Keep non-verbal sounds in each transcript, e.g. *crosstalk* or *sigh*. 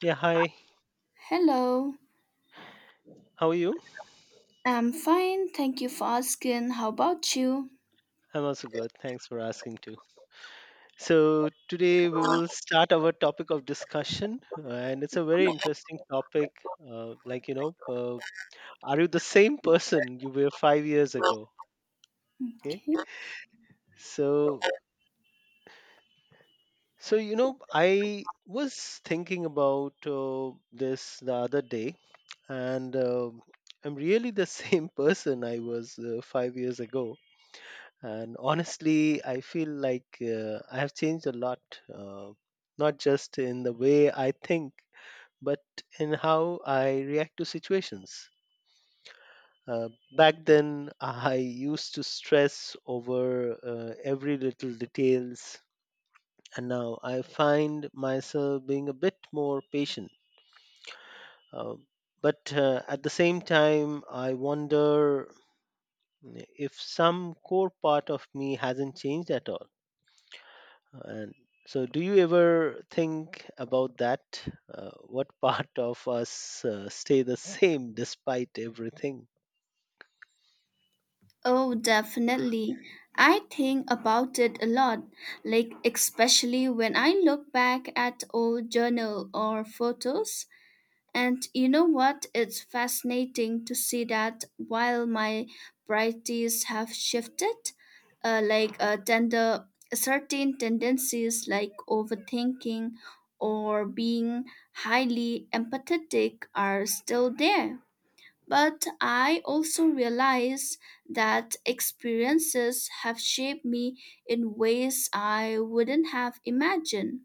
Yeah, hi. Hello, How are you? I'm fine. Thank you for asking. How about you? I'm also good. Thanks for asking too. So today we will start our topic of discussion, and it's a very interesting topic. Uh, like, you know, uh, are you the same person you were 5 years ago? Okay. Okay. So, I was thinking about this the other day, and I'm really the *laughs* same person I was 5 years ago. And honestly, I feel like I have changed a lot, uh, not just in the way I think, but in how I react to situations. uh, Back then I used to stress over every little details, and now I find myself being a bit more patient, uh, but at the same time I wonder, if some core part of me hasn't changed at all. And so, do you ever think about that? What *laughs* part of us stay the same despite everything? Oh, definitely. I think about it a lot, like especially when I look back at old journal or photos. And you know what? It's fascinating to see that while my priorities have shifted, uh, like uh, tender, certain tendencies like overthinking or being highly empathetic are still there. But I also realize that experiences have shaped me in ways I wouldn't have imagined.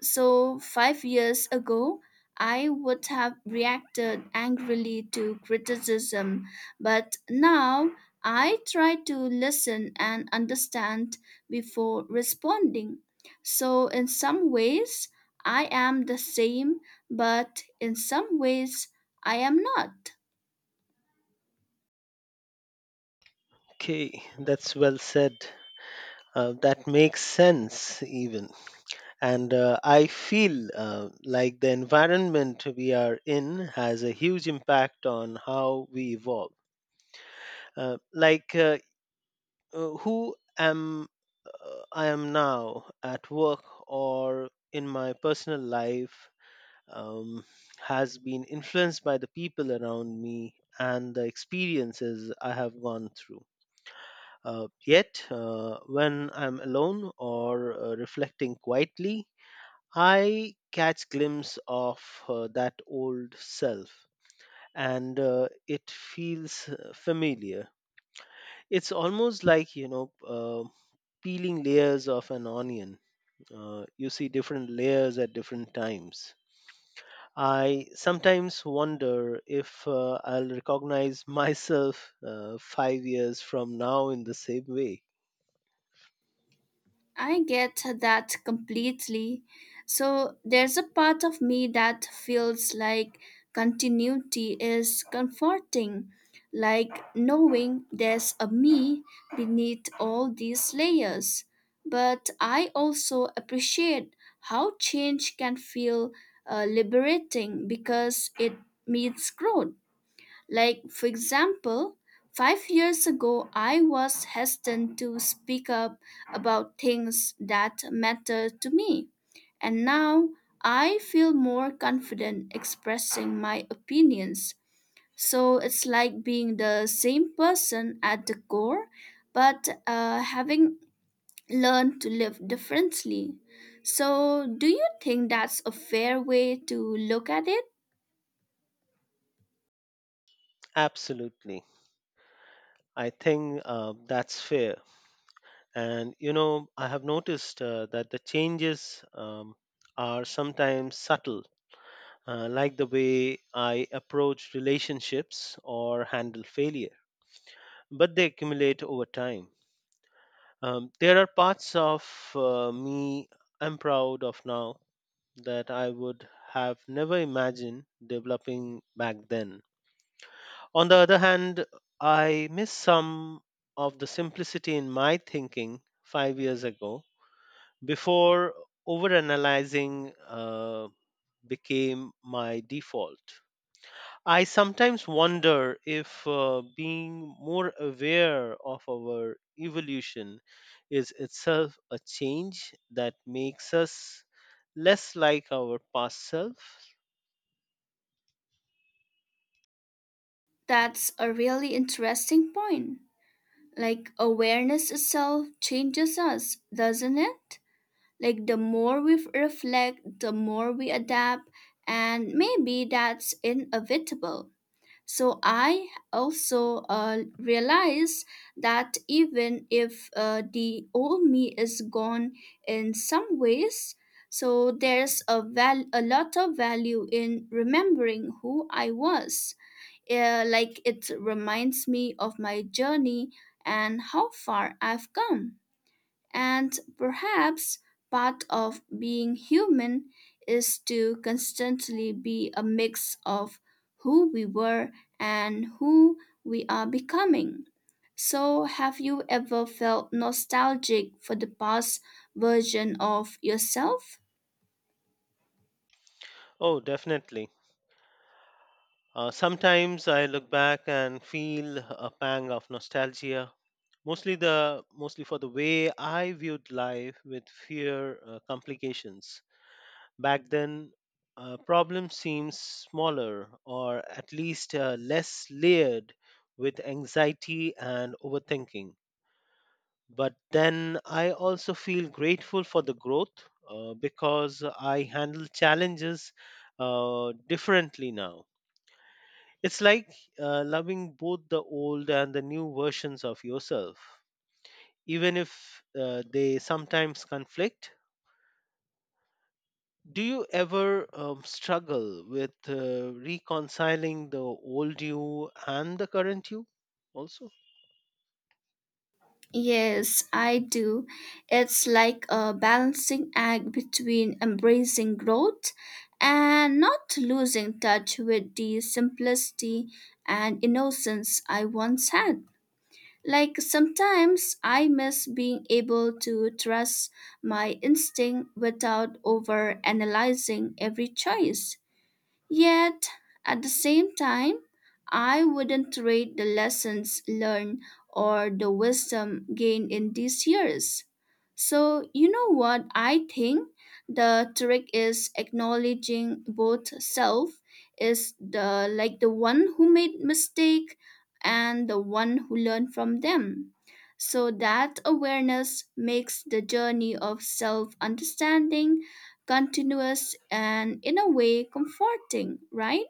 So, 5 years ago, I would have reacted angrily to criticism, but now I try to listen and understand before responding. So, in some ways, I am the same, but in some ways, I am not. Okay, that's well said. That makes sense, even. And I feel like the environment we are in has a huge impact on how we evolve. Like, who am I am now at work or in my personal life, um, has been influenced by the people around me and the experiences I have gone through. Yet, when I'm alone or reflecting quietly, I catch glimpse of that old self, and it feels familiar. It's almost like peeling layers of an onion. You see different layers at different times. I sometimes wonder if I'll recognize *laughs* myself 5 years from now in the same way. I get that completely. So there's a part of me that feels like continuity is comforting, like knowing there's a me beneath all these layers. But I also appreciate how change can feel liberating because it means growth. Like, for example, 5 years ago, I was hesitant to speak up about things that matter to me. And now I feel more confident expressing my opinions. So it's like being the same person at the core, but having learned to live differently. So, do you think that's a fair way to look at it? Absolutely. I think that's fair. And, you know, I have noticed that the changes are sometimes subtle, like the way I approach relationships or handle failure, but they accumulate over time. There are parts of me I'm proud of now that I would have never imagined developing back then. On the other hand, I miss some of the simplicity in my thinking 5 years ago before overanalyzing became my default. I sometimes wonder if being more aware of our evolution is itself a change that makes us less like our past self. That's a really interesting point. Like awareness itself changes us, doesn't it? Like the more we reflect, the more we adapt, and maybe that's inevitable. So I also realized that even if the old me is gone in some ways, so there's a lot of value in remembering who I was, yeah, like it reminds me of my journey and how far I've come. And perhaps part of being human is to constantly be a mix of who we were and who we are becoming. So, have you ever felt nostalgic for the past version of yourself? Oh, definitely. Sometimes I look back and feel a pang of nostalgia, mostly for the way I viewed life with fear complications. Back then, problems seemed smaller, or at least less layered with anxiety and overthinking. But then I also feel grateful for the growth, because I handle challenges differently now. It's like loving both the old and the new versions of yourself, even if they sometimes conflict. Do you ever struggle with reconciling the old you and the current you also? Yes, I do. It's like a balancing act between embracing growth and not losing touch with the simplicity and innocence I once had. Like sometimes I miss being able to trust my instinct without over analyzing every choice. Yet, at the same time, I wouldn't trade the lessons learned or the wisdom gained in these years. So, you know what I think? The trick is acknowledging both self is the like the one who made mistake and the one who learned from them. So that awareness makes the journey of self understanding continuous and in a way comforting, right?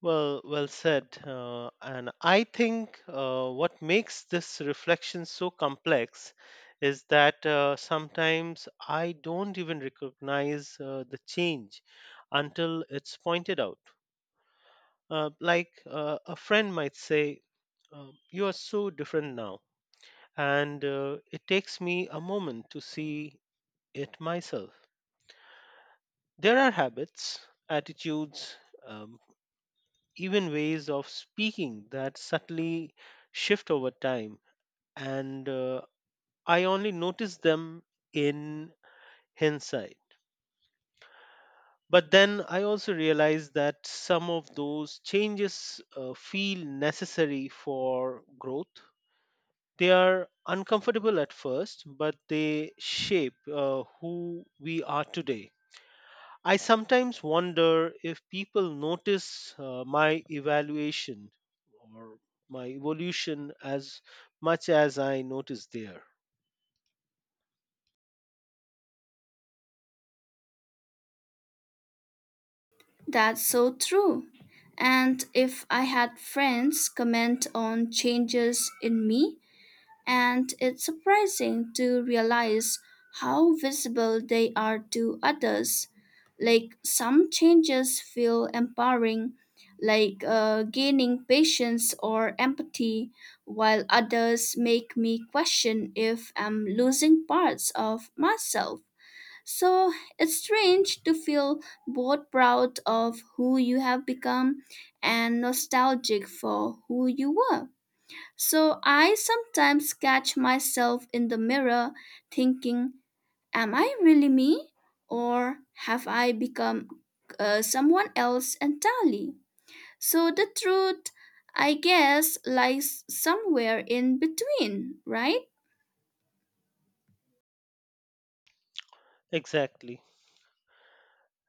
Well, well said. And I think what makes this reflection so complex is that sometimes I don't even recognize the change until it's pointed out. A friend might say, "You are so different now." And it takes me a moment to see it myself. There are habits, attitudes, um, even ways of speaking that subtly shift over time. And I only notice them in hindsight. But then I also realize that some of those changes feel necessary for growth. They are uncomfortable at first, but they shape who we are today. I sometimes wonder if people notice my evaluation, or my evolution, as much as I notice there. That's so true. And if I had friends comment on changes in me, and it's surprising to realize how visible they are to others. Like some changes feel empowering, like gaining patience or empathy, while others make me question if I'm losing parts of myself. So it's strange to feel both proud of who you have become and nostalgic for who you were. So I sometimes catch myself in the mirror thinking, am I really me? Or have I become someone else entirely? So the truth, I guess, lies somewhere in between, right? Exactly.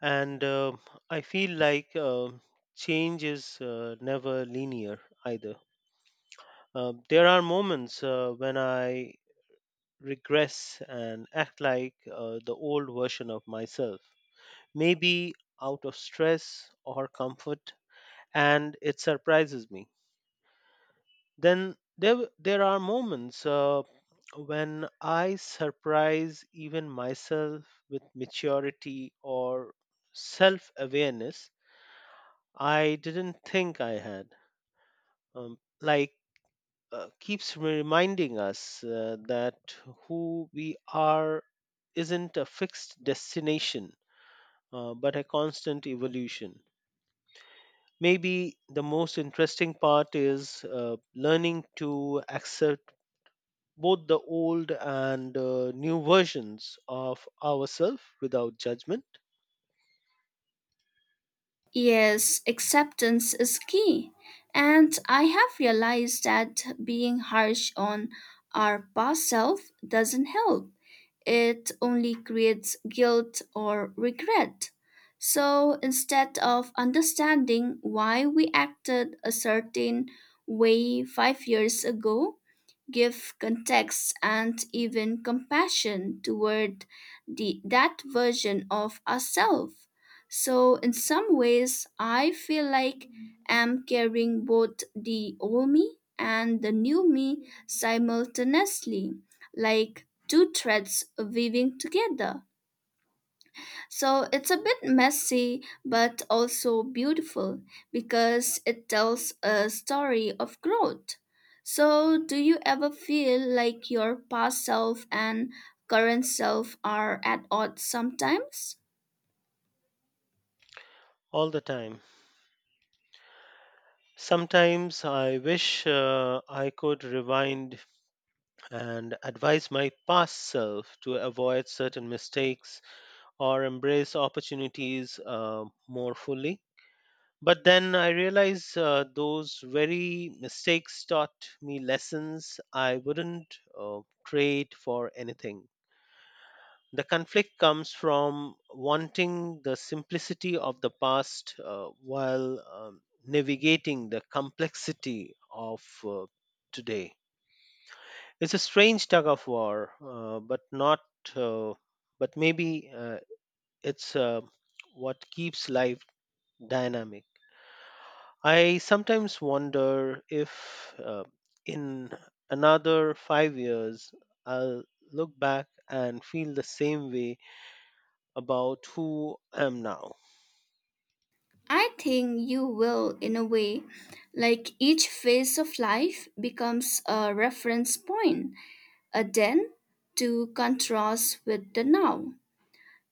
And I feel like change is never linear either. There are moments when I regress and act like the old version of myself, maybe out of stress or comfort, and it surprises me. Then there are moments when I surprise even myself with maturity or self awareness I didn't think I had. Like keeps reminding us that who we are isn't a fixed destination, but a constant evolution. Maybe the most interesting part is learning to accept both the old and new versions of ourselves without judgment. Yes, acceptance is key. And I have realized that being harsh on our past self doesn't help. It only creates guilt or regret. So instead of understanding why we acted a certain way 5 years ago, give context and even compassion toward that version of ourselves. So, in some ways, I feel like I'm carrying both the old me and the new me simultaneously, like two threads weaving together. So it's a bit messy, but also beautiful because it tells a story of growth. So, do you ever feel like your past self and current self are at odds sometimes? All the time. Sometimes I wish I could rewind and advise my past self to avoid certain mistakes or embrace opportunities more fully. But then I realize those very mistakes taught me lessons I wouldn't trade for anything. The conflict comes from wanting the simplicity of the past while navigating the complexity of today. It's a strange tug of war, but not, uh, but maybe it's what keeps life dynamic. I sometimes wonder if in another 5 years I'll look back and feel the same way about who I am now. I think you will, in a way. Like each phase of life becomes a reference point, a then to contrast with the now.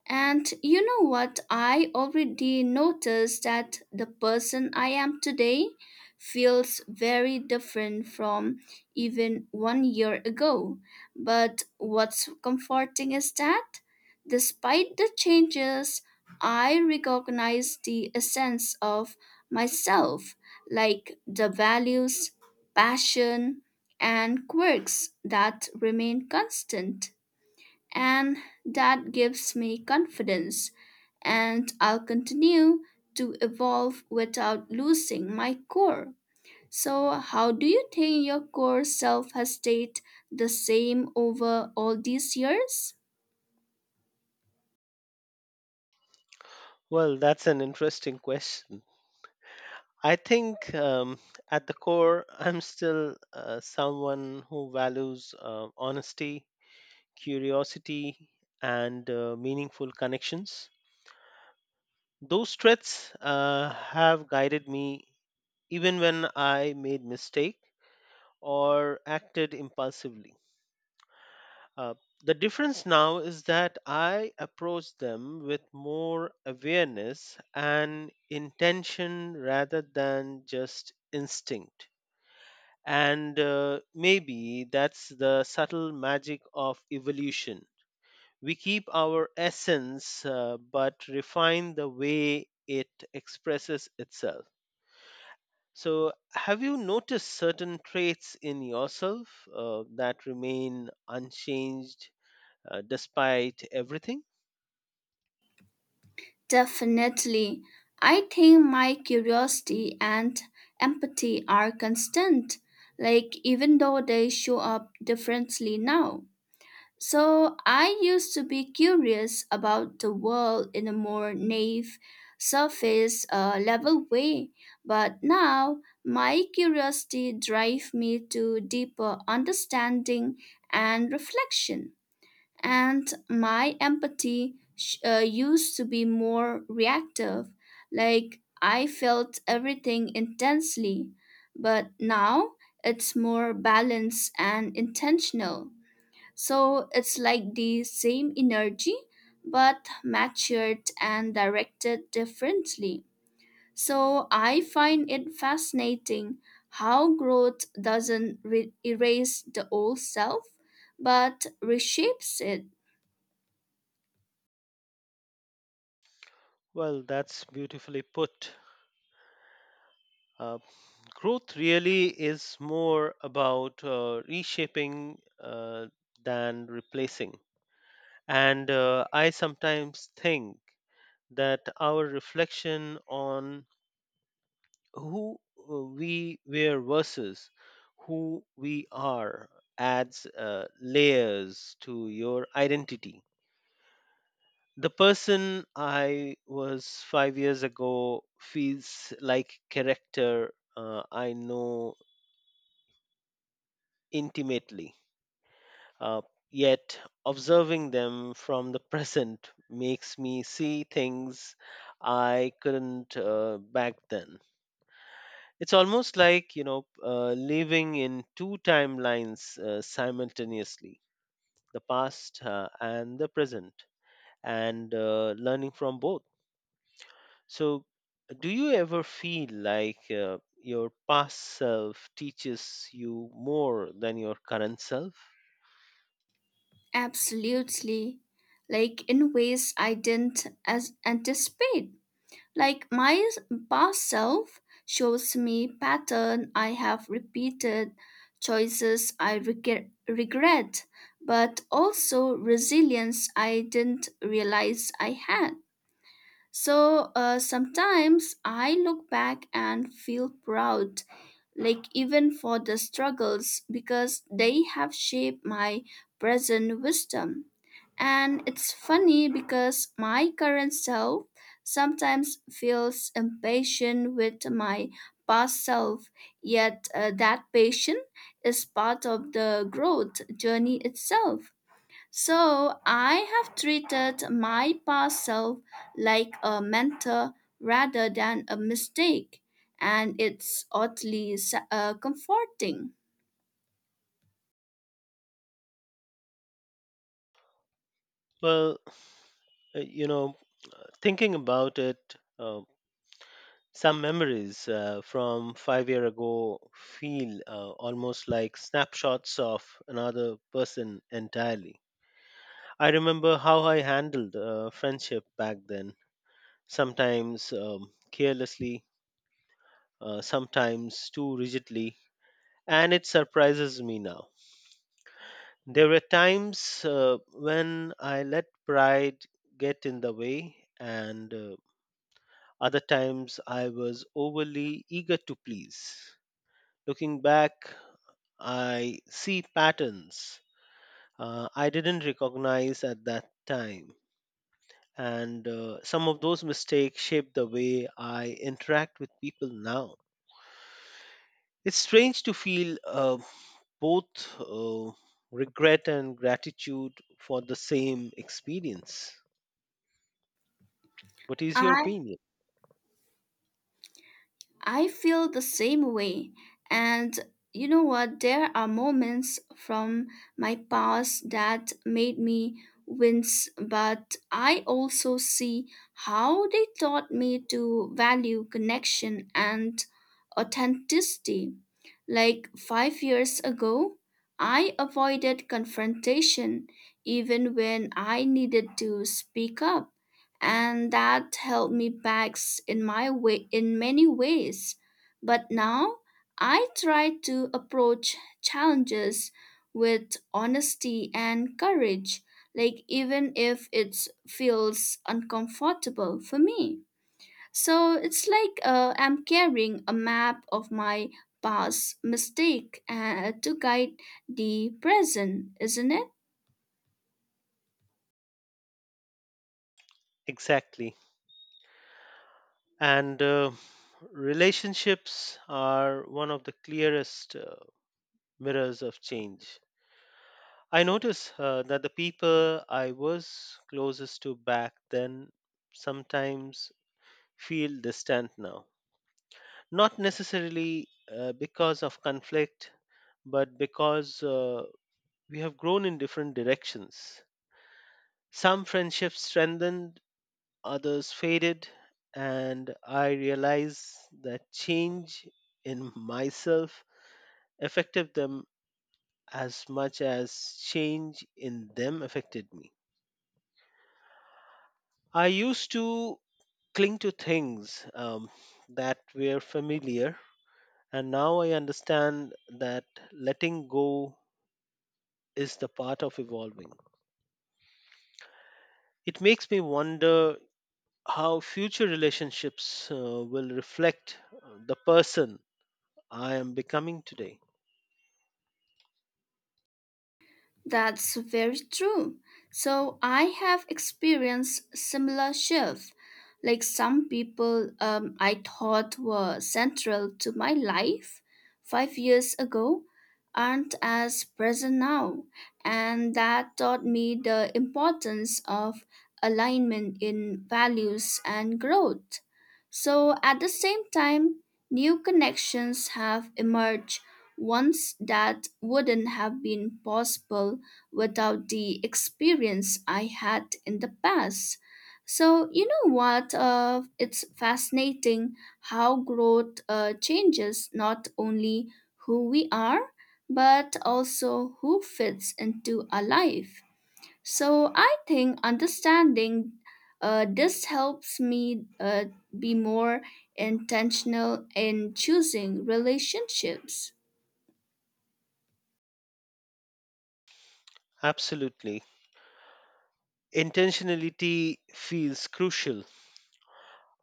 And you know what? I already noticed that the person I am today feels very different from even one year ago. But what's comforting is that, despite the changes, I recognize the essence of myself, like the values, passion, and quirks that remain constant, and that gives me confidence and I'll continue to evolve without losing my core. So, how do you think your core self has stayed the same over all these years? Well, that's an interesting question. I think at the core, I'm still someone who values honesty, curiosity, and meaningful connections. Those traits have guided me even when I made mistake or acted impulsively. Uh, the difference now is that I approach them with more awareness and intention rather than just instinct. And maybe that's the subtle magic of evolution. We keep our essence, but refine the way it expresses itself. So, have you noticed certain traits in yourself that remain unchanged despite everything? Definitely. I think my curiosity and empathy are constant, like even though they show up differently now. So I used to be curious about the world in a more naive, surface level way, but now my curiosity drives me to deeper understanding and reflection. And my empathy used to be more reactive, like I felt everything intensely, but now it's more balanced and intentional. So it's like the same energy, but matured and directed differently. So I find it fascinating how growth doesn't erase the old self, but reshapes it. Well, that's beautifully put. Uh, Growth really is more about reshaping than replacing. And I sometimes think that our reflection on who we were versus who we are adds layers to your identity. The person I was 5 years ago feels like character I know intimately. Uh, Yet observing them from the present makes me see things I couldn't back then. It's almost like living in two timelines simultaneously, the past and the present, and learning from both. So, do you ever feel like your past self teaches you more than your current self? Absolutely, like in ways I didn't anticipate. Like my past self shows me pattern I have repeated, choices I regret, but also resilience I didn't realize I had. So sometimes I look back and feel proud, like even for the struggles because they have shaped my present wisdom. And it's funny because my current self sometimes feels impatient with my past self, yet that patience is part of the growth journey itself. So I have treated my past self like a mentor rather than a mistake, and it's oddly comforting. Well, uh, you know, thinking about it, um, some memories from 5 year ago feel almost like snapshots of another person entirely. I remember how I handled friendship back then, sometimes carelessly, sometimes too rigidly, and it surprises me now. There were times when I let pride get in the way, and other times I was overly eager to please. Looking back, I see patterns I didn't recognize at that time. And some of those mistakes shape the way I interact with people now. It's strange to feel both uh, regret and gratitude for the same experience. What is your I opinion? I feel the same way. And you know what? There are moments from my past that made me wince, but I also see how they taught me to value connection and authenticity. Like 5 years ago, I avoided confrontation even when I needed to speak up, and that held me back in my way in many ways, but now I try to approach challenges with honesty and courage, like even if it feels uncomfortable for me. So it's like I'm carrying a map of my past mistake to guide the present, isn't it? Exactly. And relationships are one of the clearest mirrors of change. I notice that the people I was closest to back then sometimes feel distant now. Not necessarily because of conflict, but because we have grown in different directions. Some friendships strengthened, others faded, and I realized that change in myself affected them as much as change in them affected me. I used to cling to things that were familiar, and now I understand that letting go is the part of evolving. It makes me wonder how future relationships will reflect the person I am becoming today. That's very true. So I have experienced similar shifts. Like some people I thought were central to my life 5 years ago aren't as present now. And that taught me the importance of alignment in values and growth. So at the same time, new connections have emerged, ones that wouldn't have been possible without the experience I had in the past. So, you know what? It's fascinating how growth changes not only who we are, but also who fits into our life. So, I think understanding this helps me be more intentional in choosing relationships. Absolutely. Intentionality feels crucial.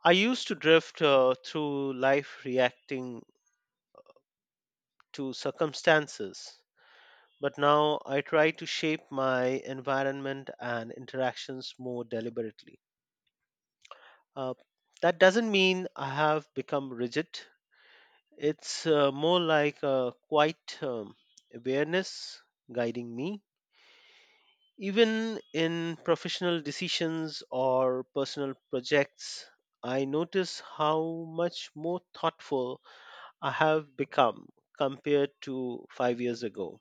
I used to drift through life reacting to circumstances, but now I try to shape my environment and interactions more deliberately. Uh, that doesn't mean I have become rigid, it's more like a quiet awareness guiding me. Even in professional decisions or personal projects, I notice how much more thoughtful I have become compared to 5 years ago.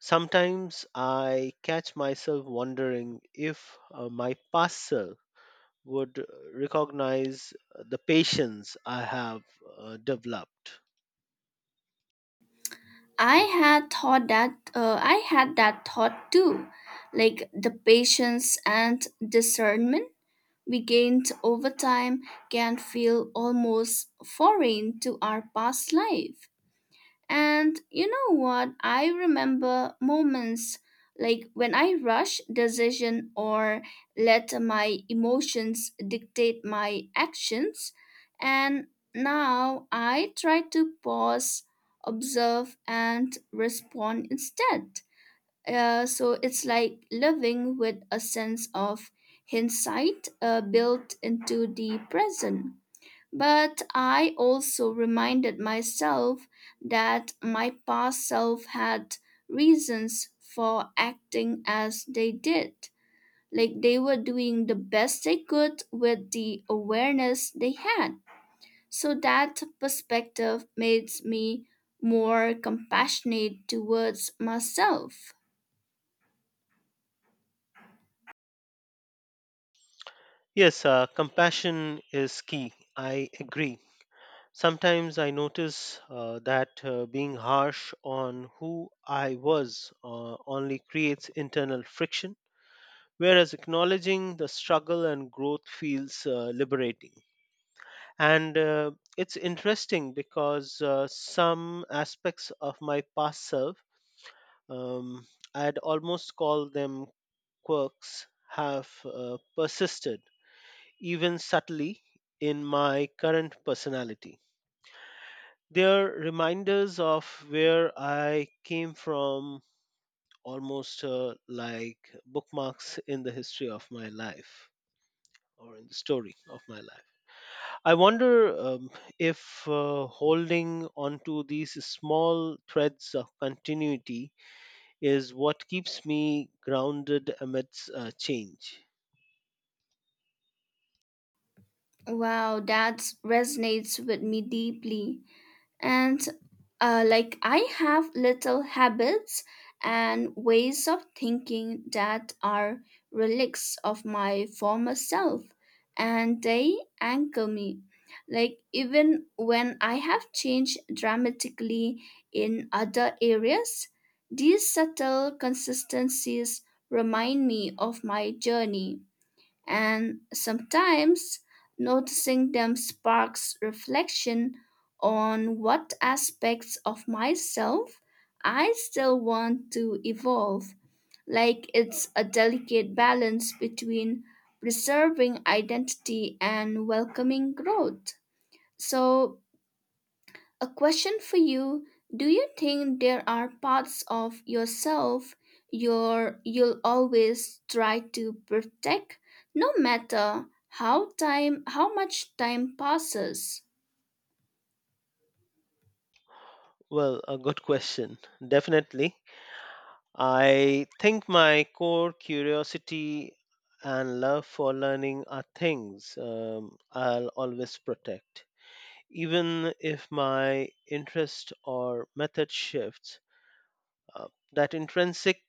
Sometimes I catch myself wondering if my past self would recognize the patience I have developed. I had that thought too, like the patience and discernment we gained over time can feel almost foreign to our past life. And you know what? I remember moments like when I rush decision or let my emotions dictate my actions. And now I try to pause, observe, and respond instead. So it's like living with a sense of hindsight built into the present. But I also reminded myself that my past self had reasons for acting as they did. Like they were doing the best they could with the awareness they had. So that perspective makes me more compassionate towards myself. Yes, compassion is key. I agree. Sometimes I notice that being harsh on who I was only creates internal friction, whereas acknowledging the struggle and growth feels liberating. And it's interesting because some aspects of my past self, um, I'd almost call them quirks, have persisted, even subtly, in my current personality. They're reminders of where I came from, almost like bookmarks in the history of my life, or in the story of my life. I wonder if holding onto these small threads of continuity is what keeps me grounded amidst change. Wow, that resonates with me deeply. And Like I have little habits and ways of thinking that are relics of my former self, and they anchor me. Like even when I have changed dramatically in other areas, these subtle consistencies remind me of my journey, and sometimes noticing them sparks reflection on what aspects of myself I still want to evolve. Like it's a delicate balance between preserving identity and welcoming growth. So, a question for you: do you think there are parts of yourself your you'll always try to protect, no matter how much time passes? Well, a good question. Definitely. I think my core curiosity and love for learning are things I'll always protect. Even if my interest or method shifts, uh, that intrinsic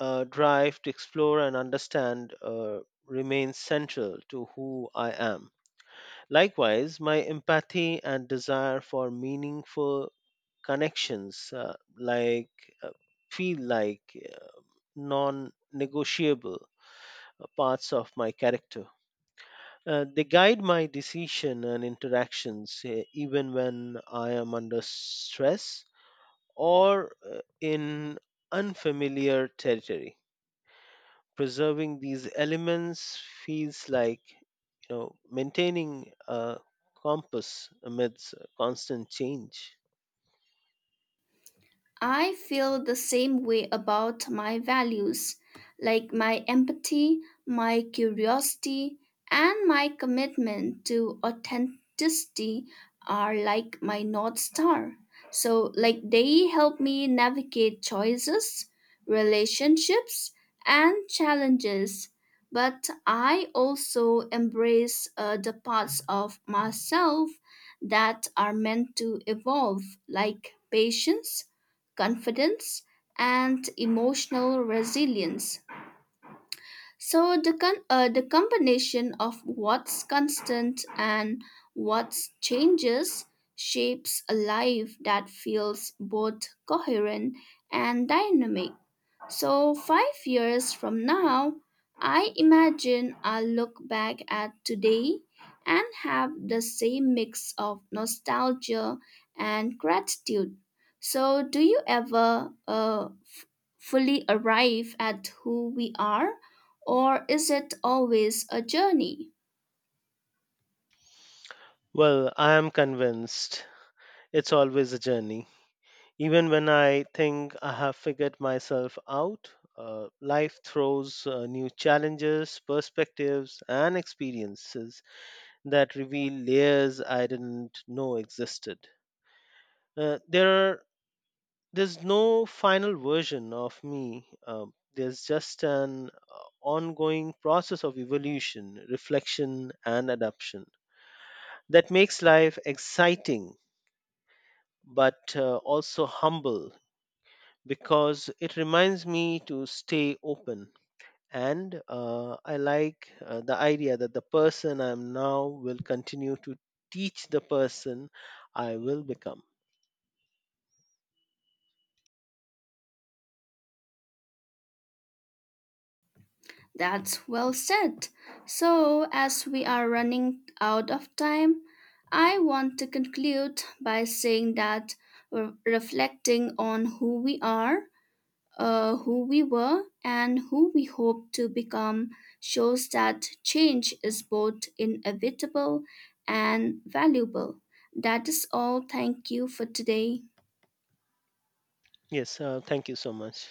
drive to explore and understand remains central to who I am. Likewise, my empathy and desire for meaningful connections, uh, feel like non negotiable parts of my character. They guide my decision and interactions even when I am under stress or in unfamiliar territory. Preserving these elements feels like, you know, maintaining a compass amidst constant change. I feel the same way about my values, like my empathy, my curiosity, and my commitment to authenticity are like my North Star. So, like, they help me navigate choices, relationships, and challenges. But I also embrace the parts of myself that are meant to evolve, like patience, confidence, and emotional resilience. So the the combination of what's constant and what's changes shapes a life that feels both coherent and dynamic. So, 5 years from now, I imagine I'll look back at today and have the same mix of nostalgia and gratitude. So, do you ever fully arrive at who we are, or is it always a journey? Well, I am convinced it's always a journey. Even when I think I have figured myself out, life throws new challenges, perspectives, and experiences that reveal layers I didn't know existed. Uh, there are there's no final version of me. There's just an ongoing process of evolution, reflection, and adaptation that makes life exciting, but also humble, because it reminds me to stay open. And I like the idea that the person I am now will continue to teach the person I will become. That's well said. So, as we are running out of time, I want to conclude by saying that reflecting on who we are, who we were, and who we hope to become shows that change is both inevitable and valuable. That is all. Thank you for today. Yes, thank you so much.